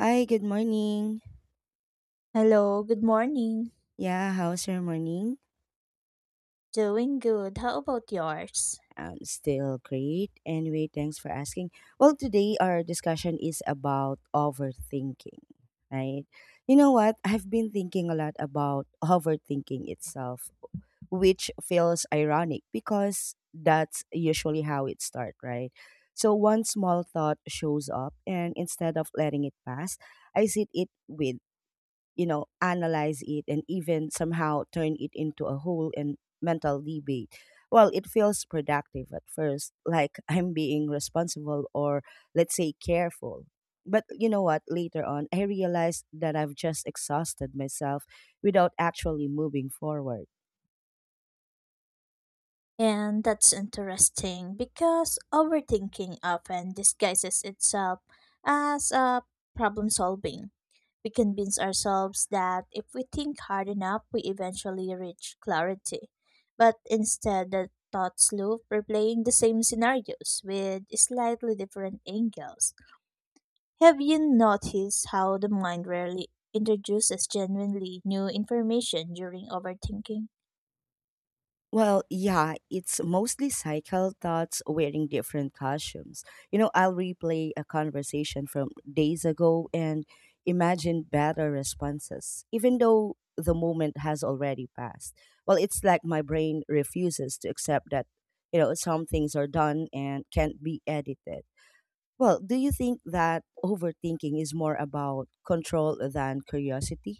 Hi, good morning. Hello, good morning. Yeah, how's your morning? Doing good. How about yours? Still great. Anyway, thanks for asking. Well, today our discussion is about overthinking, right? You know what? I've been thinking a lot about overthinking itself, which feels ironic because that's usually how it starts, right? So one small thought shows up, and instead of letting it pass, I sit it with analyze it and even somehow turn it into a whole and mental debate. Well, it feels productive at first, like I'm being responsible or let's say careful. But you know what? Later on, I realized that I've just exhausted myself without actually moving forward. And that's interesting because overthinking often disguises itself as a problem solving. We convince ourselves that if we think hard enough, we eventually reach clarity. But instead, the thoughts loop replaying the same scenarios with slightly different angles. Have you noticed how the mind rarely introduces genuinely new information during overthinking? Well, yeah, it's mostly cycle thoughts wearing different costumes. You know, I'll replay a conversation from days ago and imagine better responses, even though the moment has already passed. Well, it's like my brain refuses to accept that, you know, some things are done and can't be edited. Well, do you think that overthinking is more about control than curiosity?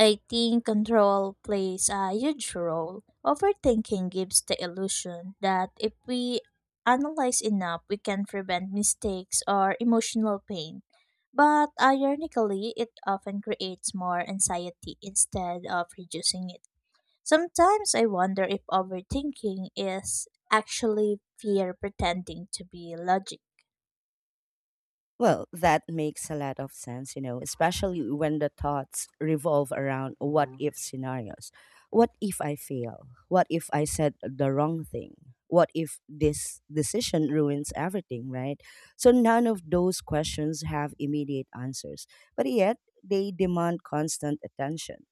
I think control plays a huge role. Overthinking gives the illusion that if we analyze enough, we can prevent mistakes or emotional pain. But ironically, it often creates more anxiety instead of reducing it. Sometimes I wonder if overthinking is actually fear pretending to be logic. Well, that makes a lot of sense, you know, especially when the thoughts revolve around what if scenarios. What if I fail? What if I said the wrong thing? What if this decision ruins everything, right? So none of those questions have immediate answers, but yet they demand constant attention.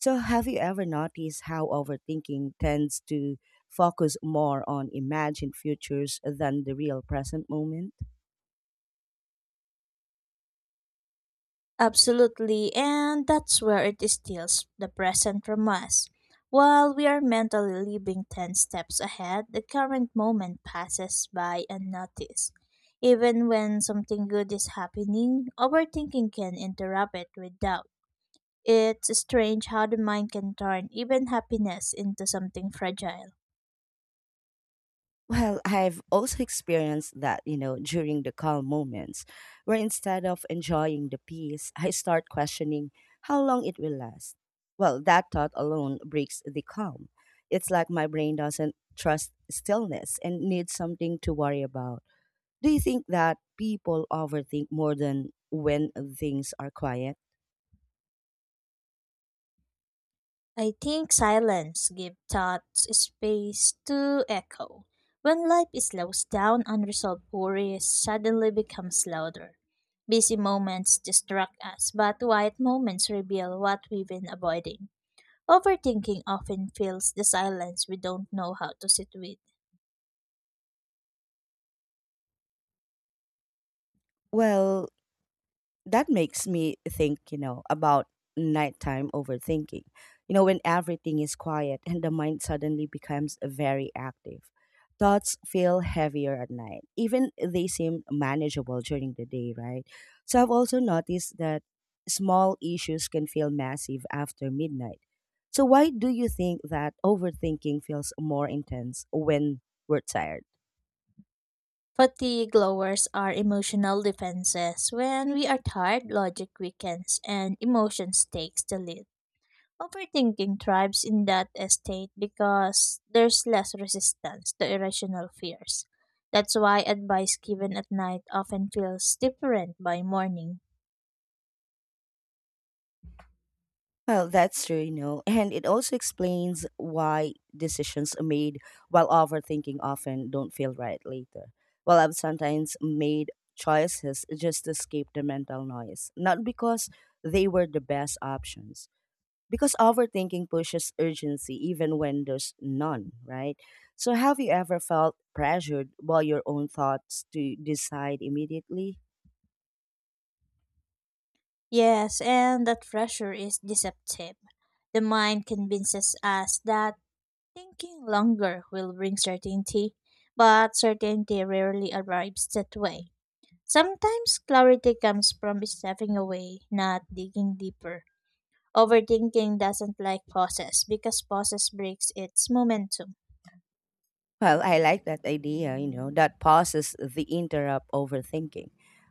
So have you ever noticed how overthinking tends to focus more on imagined futures than the real present moment? Absolutely, and that's where it steals the present from us. While we are mentally living 10 steps ahead, the current moment passes by unnoticed. Even when something good is happening, overthinking can interrupt it with doubt. It's strange how the mind can turn even happiness into something fragile. Well, I've also experienced that, you know, during the calm moments, where instead of enjoying the peace, I start questioning how long it will last. Well, that thought alone breaks the calm. It's like my brain doesn't trust stillness and needs something to worry about. Do you think that people overthink more than when things are quiet? I think silence gives thoughts space to echo. When life slows down, unresolved worries suddenly becomes louder. Busy moments distract us, but quiet moments reveal what we've been avoiding. Overthinking often fills the silence we don't know how to sit with. Well, that makes me think, you know, about nighttime overthinking. You know, when everything is quiet and the mind suddenly becomes very active, thoughts feel heavier at night. Even they seem manageable during the day, right? So I've also noticed that small issues can feel massive after midnight. So why do you think that overthinking feels more intense when we're tired? Fatigue lowers our emotional defenses. When we are tired, logic weakens and emotions takes the lead. Overthinking thrives in that estate because there's less resistance to irrational fears. That's why advice given at night often feels different by morning. Well, that's true, you know, and it also explains why decisions made while overthinking often don't feel right later. Well, I've sometimes made choices just to escape the mental noise, not because they were the best options, because overthinking pushes urgency even when there's none, right? So, have you ever felt pressured by your own thoughts to decide immediately? Yes, and that pressure is deceptive. The mind convinces us that thinking longer will bring certainty, but certainty rarely arrives that way. Sometimes clarity comes from stepping away, not digging deeper. Overthinking doesn't like process because process breaks its momentum. Well, I like that idea, you know, that pauses the interrupt overthinking.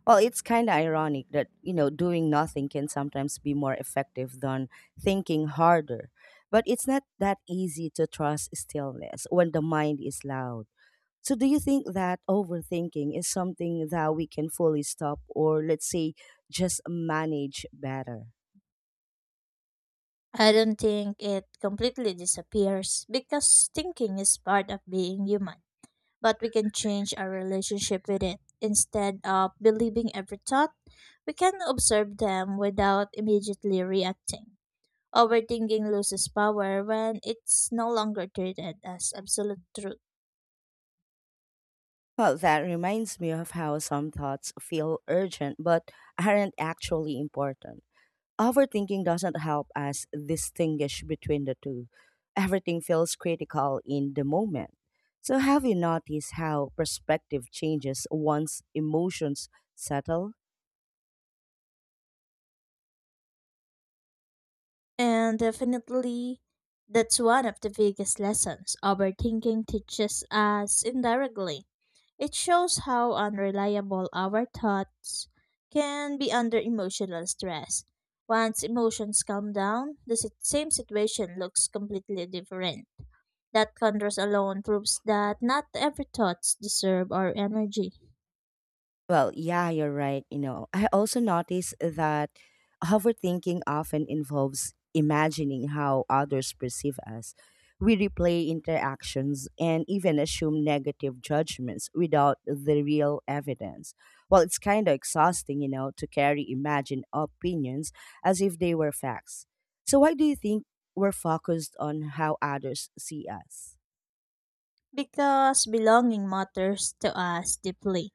Well, it's kind of ironic that, you know, doing nothing can sometimes be more effective than thinking harder. But it's not that easy to trust stillness when the mind is loud. So, do you think that overthinking is something that we can fully stop or, let's say, just manage better? I don't think it completely disappears because thinking is part of being human, but we can change our relationship with it. Instead of believing every thought, we can observe them without immediately reacting. Overthinking loses power when it's no longer treated as absolute truth. Well, that reminds me of how some thoughts feel urgent but aren't actually important. Overthinking doesn't help us distinguish between the two. Everything feels critical in the moment. So, have you noticed how perspective changes once emotions settle? And definitely, that's one of the biggest lessons overthinking teaches us indirectly. It shows how unreliable our thoughts can be under emotional stress. Once emotions calm down, the same situation looks completely different. That contrast alone proves that not every thoughts deserve our energy. Well, yeah, you're right. You know, I also notice that overthinking often involves imagining how others perceive us. We replay interactions and even assume negative judgments without the real evidence. Well, it's kind of exhausting, you know, to carry imagined opinions as if they were facts. So, why do you think we're focused on how others see us? Because belonging matters to us deeply.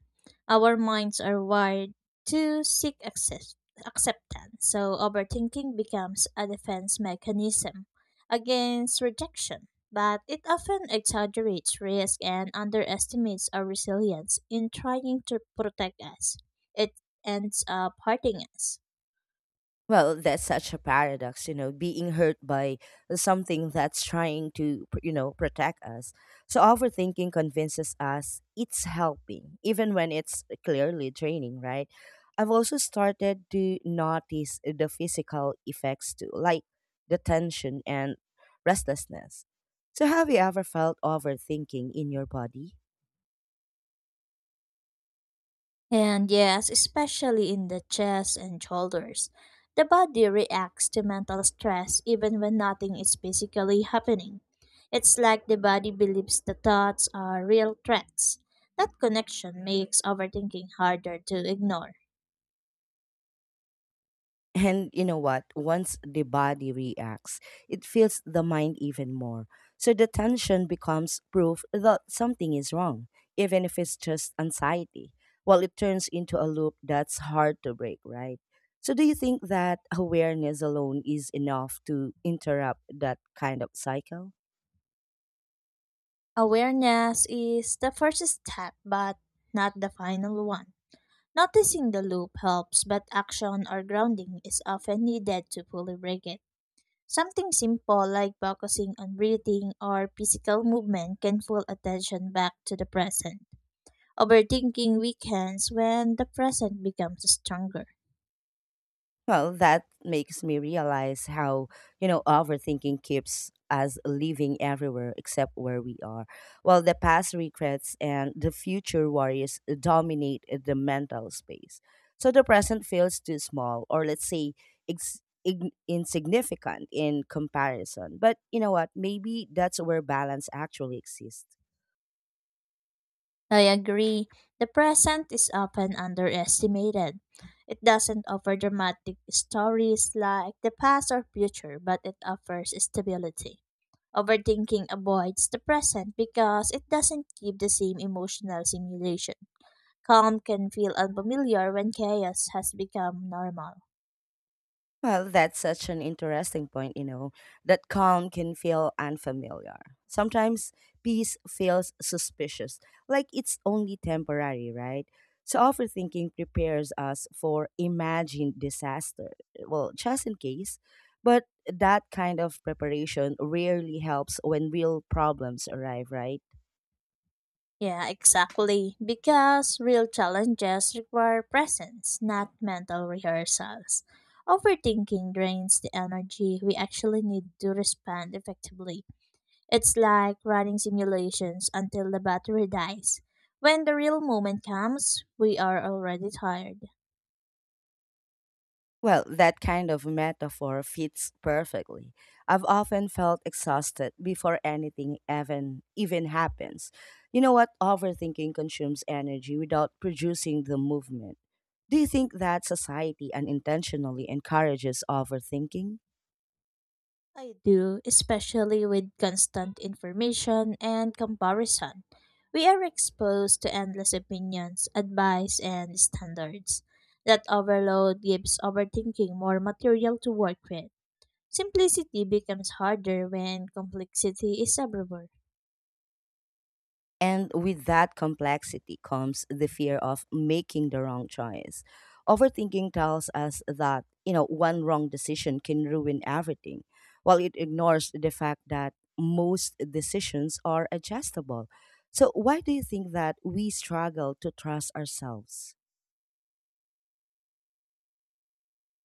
Our minds are wired to seek acceptance, so overthinking becomes a defense mechanism against rejection. But it often exaggerates risk and underestimates our resilience in trying to protect us. It ends up hurting us. Well, that's such a paradox, you know, being hurt by something that's trying to, you know, protect us. So overthinking convinces us it's helping, even when it's clearly draining, right? I've also started to notice the physical effects too, like the tension and restlessness. So have you ever felt overthinking in your body? And yes, especially in the chest and shoulders. The body reacts to mental stress even when nothing is physically happening. It's like the body believes the thoughts are real threats. That connection makes overthinking harder to ignore. And you know what? Once the body reacts, it feels the mind even more. So the tension becomes proof that something is wrong, even if it's just anxiety. Well, it turns into a loop that's hard to break, right? So, do you think that awareness alone is enough to interrupt that kind of cycle? Awareness is the first step, but not the final one. Noticing the loop helps, but action or grounding is often needed to fully break it. Something simple like focusing on breathing or physical movement can pull attention back to the present. Overthinking weakens when the present becomes stronger. Well, that makes me realize how, you know, overthinking keeps us living everywhere except where we are. While the past regrets and the future worries dominate the mental space. So the present feels too small, or let's say, insignificant in comparison. But you know what? Maybe that's where balance actually exists. I agree. The present is often underestimated. It doesn't offer dramatic stories like the past or future, but it offers stability. Overthinking avoids the present because it doesn't give the same emotional stimulation. Calm can feel unfamiliar when chaos has become normal. Well, that's such an interesting point, you know, that calm can feel unfamiliar. Sometimes peace feels suspicious, like it's only temporary, right? So overthinking prepares us for imagined disaster. Well, just in case. But that kind of preparation rarely helps when real problems arrive, right? Yeah, exactly. Because real challenges require presence, not mental rehearsals. Overthinking drains the energy we actually need to respond effectively. It's like running simulations until the battery dies. When the real moment comes, we are already tired. Well, that kind of metaphor fits perfectly. I've often felt exhausted before anything even happens. You know what? Overthinking consumes energy without producing the movement. Do you think that society unintentionally encourages overthinking? I do, especially with constant information and comparison. We are exposed to endless opinions, advice, and standards. That overload gives overthinking more material to work with. Simplicity becomes harder when complexity is everywhere. And with that complexity comes the fear of making the wrong choice. Overthinking tells us that, you know, one wrong decision can ruin everything, while it ignores the fact that most decisions are adjustable. So, why do you think that we struggle to trust ourselves?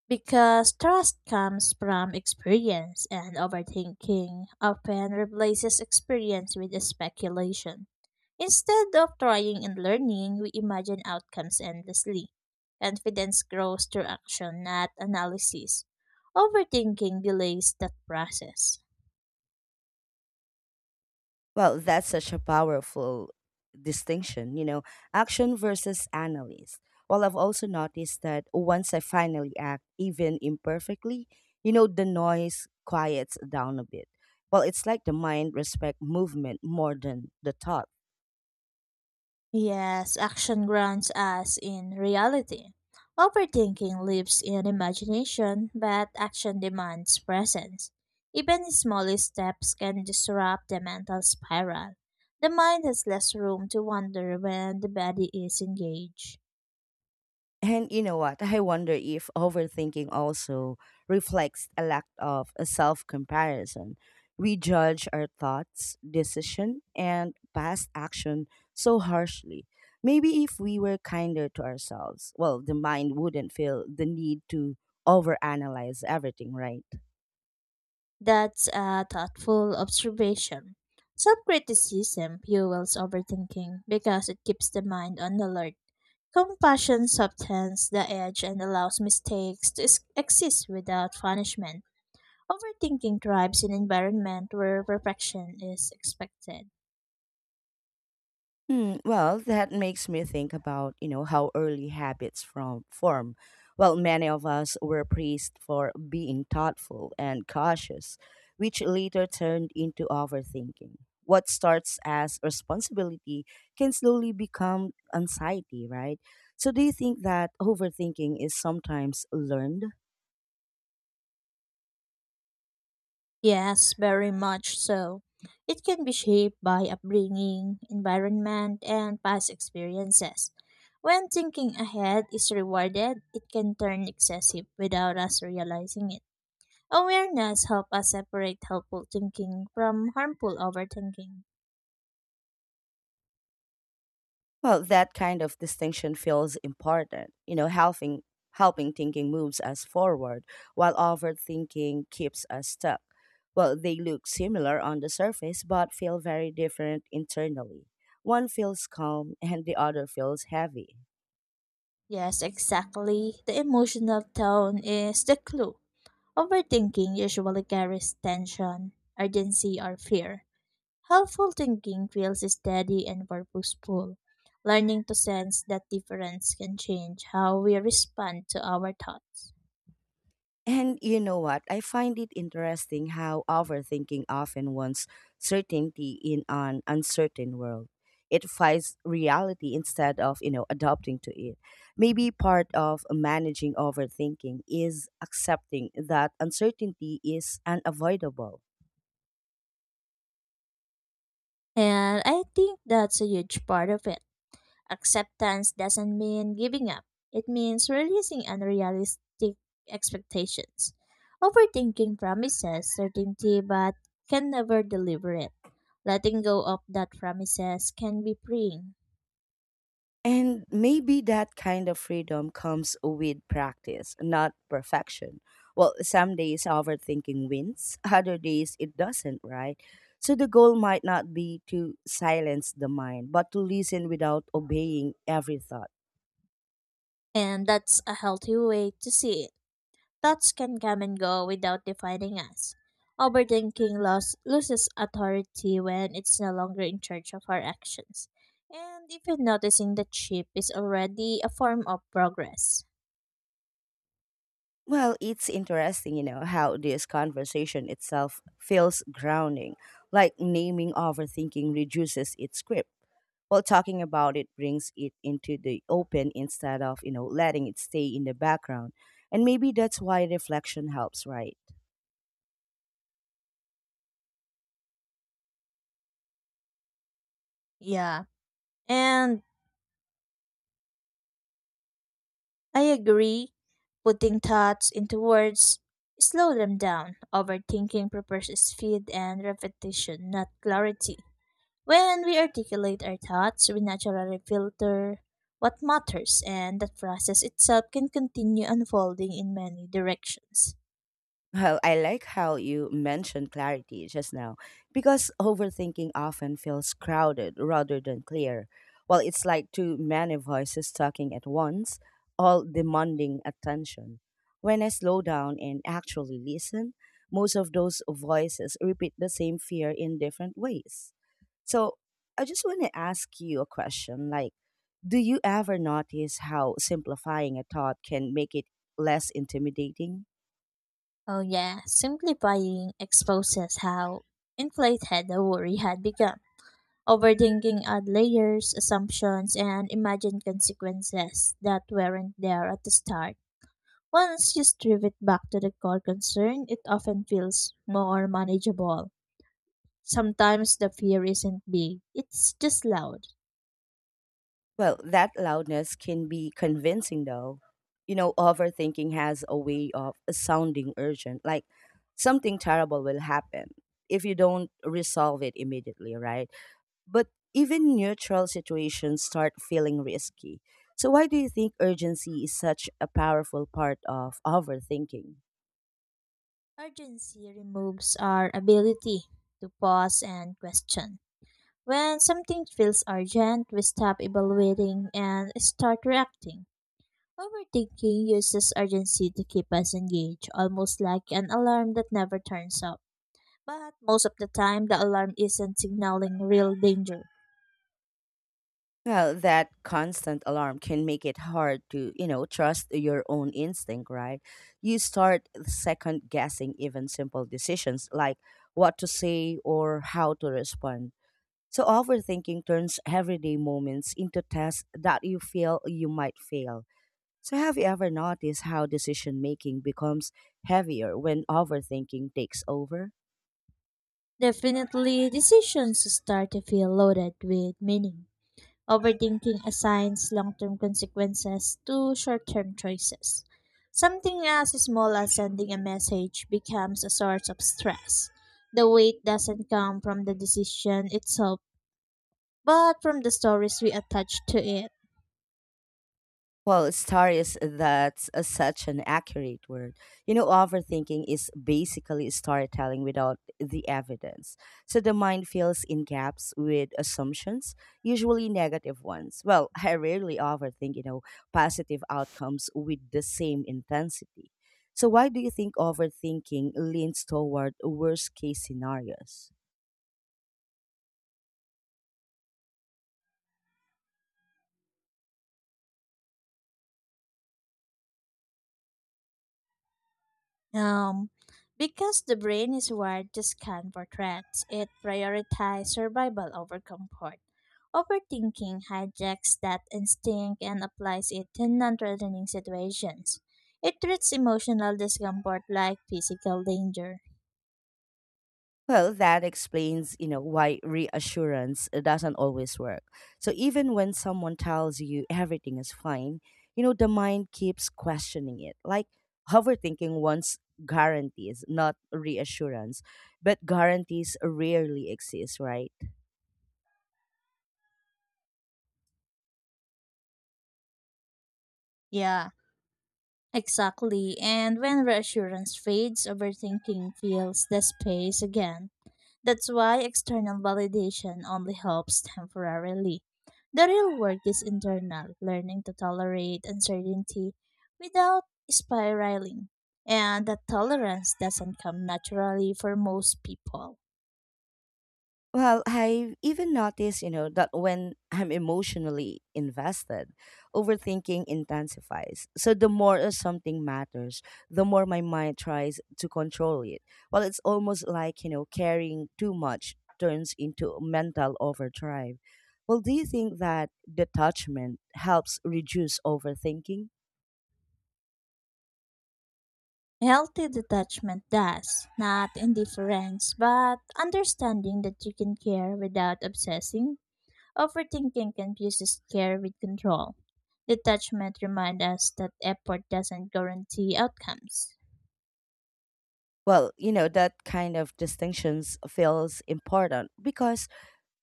Because trust comes from experience, and overthinking often replaces experience with a speculation. Instead of trying and learning, we imagine outcomes endlessly. Confidence grows through action, not analysis. Overthinking delays that process. Well, that's such a powerful distinction, you know, action versus analysis. Well, I've also noticed that once I finally act, even imperfectly, you know, the noise quiets down a bit. Well, it's like the mind respect movement more than the thought. Yes, action grounds us in reality. Overthinking lives in imagination, but action demands presence. Even the smallest steps can disrupt the mental spiral. The mind has less room to wander when the body is engaged. And you know what? I wonder if overthinking also reflects a lack of a self comparison. We judge our thoughts, decision, and past action so harshly. Maybe if we were kinder to ourselves, well, the mind wouldn't feel the need to overanalyze everything, right? That's a thoughtful observation. Self criticism fuels overthinking because it keeps the mind on alert. Compassion softens the edge and allows mistakes to exist without punishment. Overthinking thrives in environment where perfection is expected. Hmm, well, that makes me think about, you know, how early habits from form. Well, many of us were praised for being thoughtful and cautious, which later turned into overthinking. What starts as responsibility can slowly become anxiety, right? So do you think that overthinking is sometimes learned? Yes, very much so. It can be shaped by upbringing, environment, and past experiences. When thinking ahead is rewarded, it can turn excessive without us realizing it. Awareness helps us separate helpful thinking from harmful overthinking. Well, that kind of distinction feels important. You know, helping thinking moves us forward, while overthinking keeps us stuck. Well, they look similar on the surface but feel very different internally. One feels calm and the other feels heavy. Yes, exactly. The emotional tone is the clue. Overthinking usually carries tension, urgency, or fear. Helpful thinking feels steady and purposeful. Learning to sense that difference can change how we respond to our thoughts. And you know what? I find it interesting how overthinking often wants certainty in an uncertain world. It fights reality instead of, you know, adapting to it. Maybe part of managing overthinking is accepting that uncertainty is unavoidable. And I think that's a huge part of it. Acceptance doesn't mean giving up. It means releasing unrealistic expectations. Overthinking promises certainty but can never deliver it. Letting go of that promises can be freeing, And maybe that kind of freedom comes with practice, not perfection. Well, some days overthinking wins, other days it doesn't, right? So the goal might not be to silence the mind, but to listen without obeying every thought. and that's a healthy way to see it. Thoughts can come and go without defining us. Overthinking loses authority when it's no longer in charge of our actions. And even noticing the chip is already a form of progress. Well, it's interesting, you know, how this conversation itself feels grounding, like naming overthinking reduces its grip. While talking about it brings it into the open instead of, you know, letting it stay in the background. And maybe that's why reflection helps, right? Yeah, and I agree. Putting thoughts into words, slow them down. Overthinking prepares speed and repetition, not clarity. When we articulate our thoughts, we naturally filter what matters, and that process itself can continue unfolding in many directions. Well, I like how you mentioned clarity just now, because overthinking often feels crowded rather than clear. Well, it's like too many voices talking at once, all demanding attention. When I slow down and actually listen, most of those voices repeat the same fear in different ways. So I just want to ask you a question like, do you ever notice how simplifying a thought can make it less intimidating? Oh, yeah, simplifying exposes how inflated the worry had become. Overthinking add layers, assumptions, and imagined consequences that weren't there at the start. Once you strip it back to the core concern, it often feels more manageable. Sometimes the fear isn't big, it's just loud. Well, that loudness can be convincing though. You know, overthinking has a way of sounding urgent, like something terrible will happen if you don't resolve it immediately, right? But even neutral situations start feeling risky. So, why do you think urgency is such a powerful part of overthinking? Urgency removes our ability to pause and question. When something feels urgent, we stop evaluating and start reacting. Overthinking uses urgency to keep us engaged, almost like an alarm that never turns off. But most of the time, the alarm isn't signaling real danger. Well, that constant alarm can make it hard to, you know, trust your own instinct, right? You start second guessing even simple decisions like what to say or how to respond. So, overthinking turns everyday moments into tests that you feel you might fail. So, have you ever noticed how decision making becomes heavier when overthinking takes over? Definitely, decisions start to feel loaded with meaning. Overthinking assigns long term consequences to short term choices. Something as small as sending a message becomes a source of stress. The weight doesn't come from the decision itself, but from the stories we attach to it. Well, star is that's a, such an accurate word. You know, overthinking is basically storytelling without the evidence. So the mind fills in gaps with assumptions, usually negative ones. Well, I rarely overthink, you know, positive outcomes with the same intensity. So why do you think overthinking leans toward worst case scenarios? Um, because the brain is wired to scan for threats, it prioritizes survival over comfort. Overthinking hijacks that instinct and applies it to non threatening situations. It treats emotional discomfort like physical danger. Well, that explains, you know, why reassurance doesn't always work. So even when someone tells you everything is fine, you know, the mind keeps questioning it. Like overthinking wants guarantees, not reassurance. But guarantees rarely exist, right? Yeah, exactly. And when reassurance fades, overthinking fills the space again. That's why external validation only helps temporarily. The real work is internal, learning to tolerate uncertainty without spiraling. And that tolerance doesn't come naturally for most people. Well, I've even noticed, you know, that when I'm emotionally invested, overthinking intensifies. So the more something matters, the more my mind tries to control it. Well, it's almost like, you know, carrying too much turns into mental overdrive. Well, do you think that detachment helps reduce overthinking? Healthy detachment does, not indifference, but understanding that you can care without obsessing. Overthinking confuses care with control. Detachment reminds us that effort doesn't guarantee outcomes. Well, you know, that kind of distinctions feels important because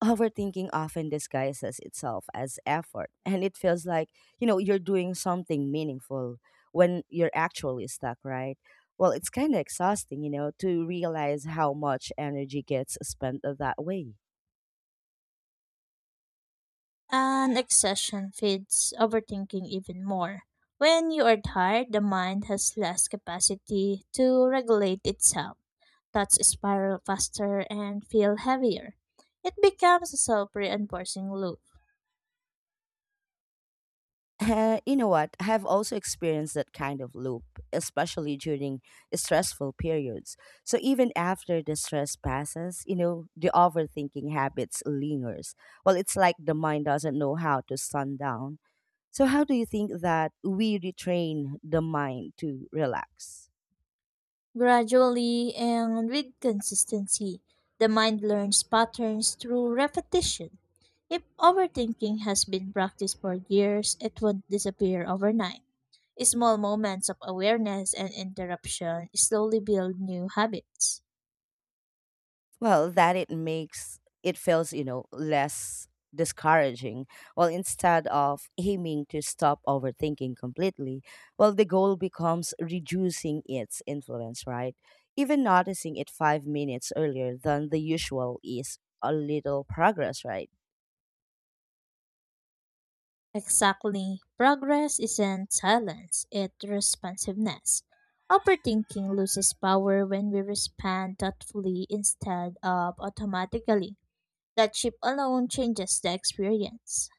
overthinking often disguises itself as effort, and it feels like, you know, you're doing something meaningful when you're actually stuck, right? Well, it's kind of exhausting, you know, to realize how much energy gets spent that way. An obsession feeds overthinking even more. When you are tired, the mind has less capacity to regulate itself. Thoughts spiral faster and feel heavier. It becomes a self reinforcing loop. You know what? I have also experienced that kind of loop, especially during stressful periods. So even after the stress passes, you know, the overthinking habits lingers. Well, it's like the mind doesn't know how to sun down. So how do you think that we retrain the mind to relax? Gradually and with consistency, the mind learns patterns through repetition. If overthinking has been practiced for years, it won't disappear overnight. Small moments of awareness and interruption slowly build new habits. Well, that it makes it feels, you know, less discouraging. Well, instead of aiming to stop overthinking completely, well, the goal becomes reducing its influence, right? Even noticing it 5 minutes earlier than the usual is a little progress, right? Exactly, progress isn't silence, it's responsiveness. Overthinking loses power when we respond thoughtfully instead of automatically. That chip alone changes the experience.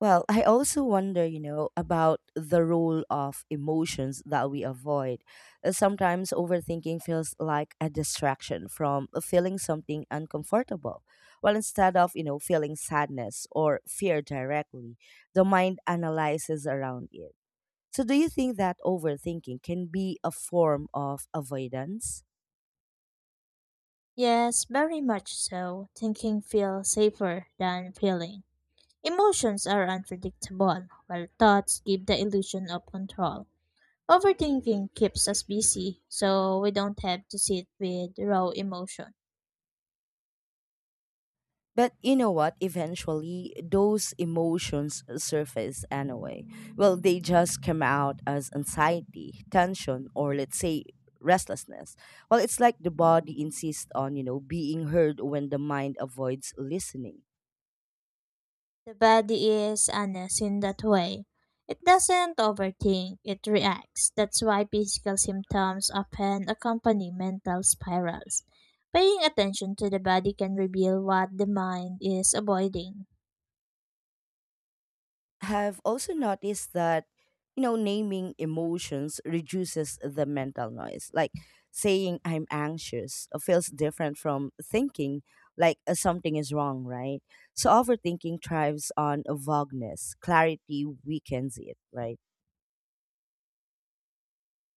Well, I also wonder, you know, about the role of emotions that we avoid. Sometimes overthinking feels like a distraction from feeling something uncomfortable. Well, instead of, you know, feeling sadness or fear directly, the mind analyzes around it. So, do you think that overthinking can be a form of avoidance? Yes, very much so. Thinking feels safer than feeling. Emotions are unpredictable, while thoughts give the illusion of control. Overthinking keeps us busy, so we don't have to sit with raw emotion. But you know what? Eventually, those emotions surface anyway. Well, they just come out as anxiety, tension, or let's say restlessness. Well, it's like the body insists on, you know, being heard when the mind avoids listening. The body is honest in that way. It doesn't overthink, it reacts. That's why physical symptoms often accompany mental spirals. Paying attention to the body can reveal what the mind is avoiding. Have also noticed that, you know, naming emotions reduces the mental noise, like saying I'm anxious feels different from thinking like something is wrong, right? So overthinking thrives on vagueness, clarity weakens it, right?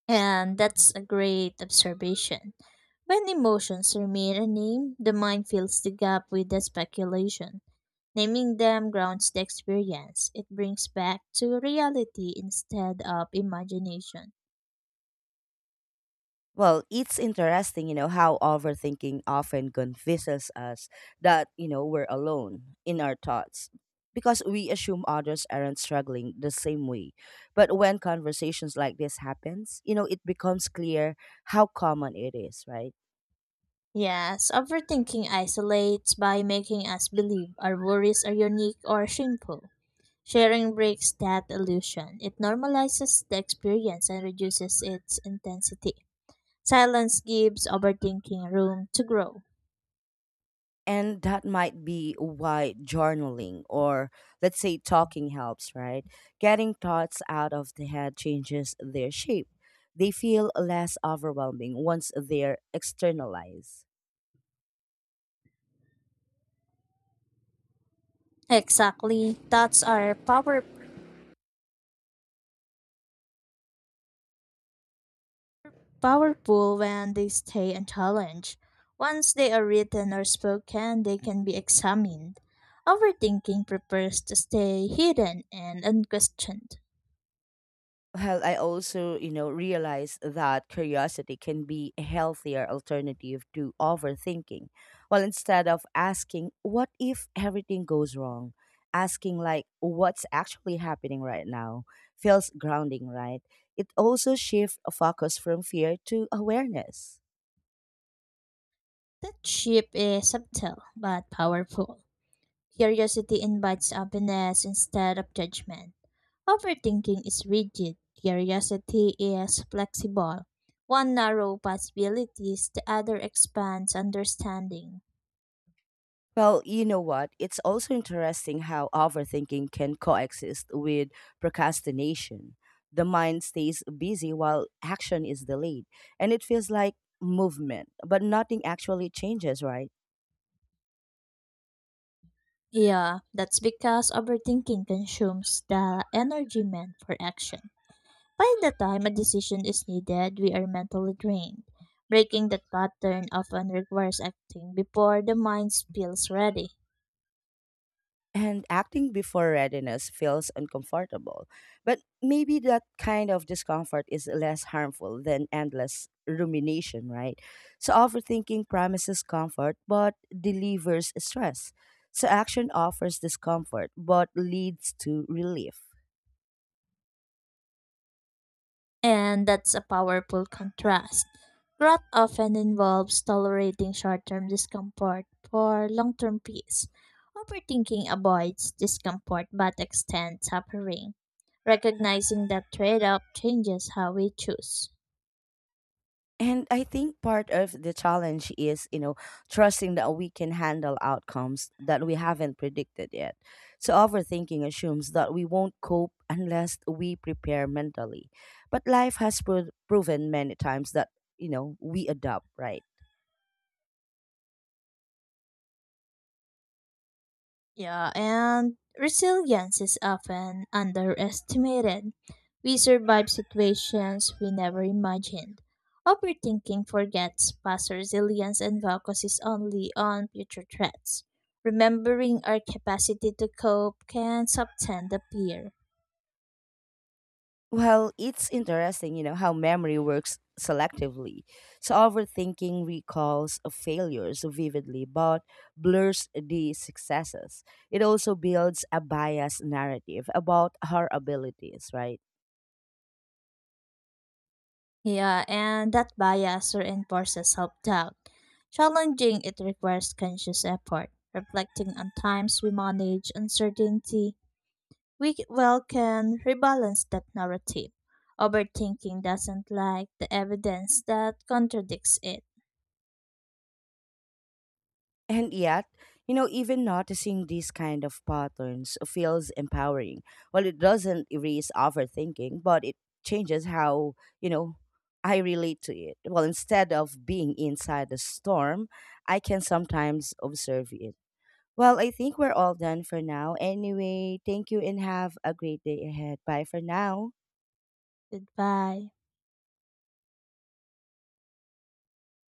And that's a great observation. When emotions remain unnamed, the mind fills the gap with the speculation. Naming them grounds the experience. It brings back to reality instead of imagination. Well, it's interesting, you know, how overthinking often convinces us that, you know, we're alone in our thoughts because we assume others aren't struggling the same way. But when conversations like this happens, you know, it becomes clear how common it is, right? Yes, overthinking isolates by making us believe our worries are unique or shameful. Sharing breaks that illusion. It normalizes the experience and reduces its intensity. Silence gives overthinking room to grow. And that might be why journaling or let's say talking helps, right? Getting thoughts out of the head changes their shape. They feel less overwhelming once they're externalized. Exactly. Thoughts are powerful when they stay unchallenged. Once they are written or spoken, they can be examined. Overthinking prefers to stay hidden and unquestioned. Well, I also, you know, realize that curiosity can be a healthier alternative to overthinking. Well, instead of asking, what if everything goes wrong? Asking, like, what's actually happening right now feels grounding, right? It also shifts focus from fear to awareness. That ship is subtle but powerful. Curiosity invites openness instead of judgment. Overthinking is rigid. Curiosity is flexible. One narrows possibilities, the other expands understanding. Well, you know what? It's also interesting how overthinking can coexist with procrastination. The mind stays busy while action is delayed, and it feels like movement, but nothing actually changes, right? Yeah, that's because overthinking consumes the energy meant for action. By the time a decision is needed, we are mentally drained. Breaking that pattern often requires acting before the mind feels ready. And acting before readiness feels uncomfortable. But maybe that kind of discomfort is less harmful than endless rumination, right? So overthinking promises comfort but delivers stress. So action offers discomfort but leads to relief. And that's a powerful contrast. Growth often involves tolerating short term discomfort for long term peace. Overthinking avoids discomfort but extends suffering. Recognizing that trade off changes how we choose. And I think part of the challenge is, you know, trusting that we can handle outcomes that we haven't predicted yet. So overthinking assumes that we won't cope unless we prepare mentally. But life has proven many times that, you know, we adapt, right? Yeah, and resilience is often underestimated. We survive situations we never imagined. Overthinking forgets past resilience and focuses only on future threats. Remembering our capacity to cope can soften the fear. Well, it's interesting, you know, how memory works selectively. So overthinking recalls of failures vividly but blurs the successes. It also builds a biased narrative about her abilities, right? Yeah, and that bias reinforces self doubt. Challenging it requires conscious effort, reflecting on times we manage uncertainty. We can rebalance that narrative. Overthinking doesn't like the evidence that contradicts it. And yet, you know, even noticing these kind of patterns feels empowering. Well, it doesn't erase overthinking, but it changes how, you know, I relate to it. Well, instead of being inside the storm, I can sometimes observe it. Well, I think we're all done for now. Anyway, thank you and have a great day ahead. Bye for now. Goodbye.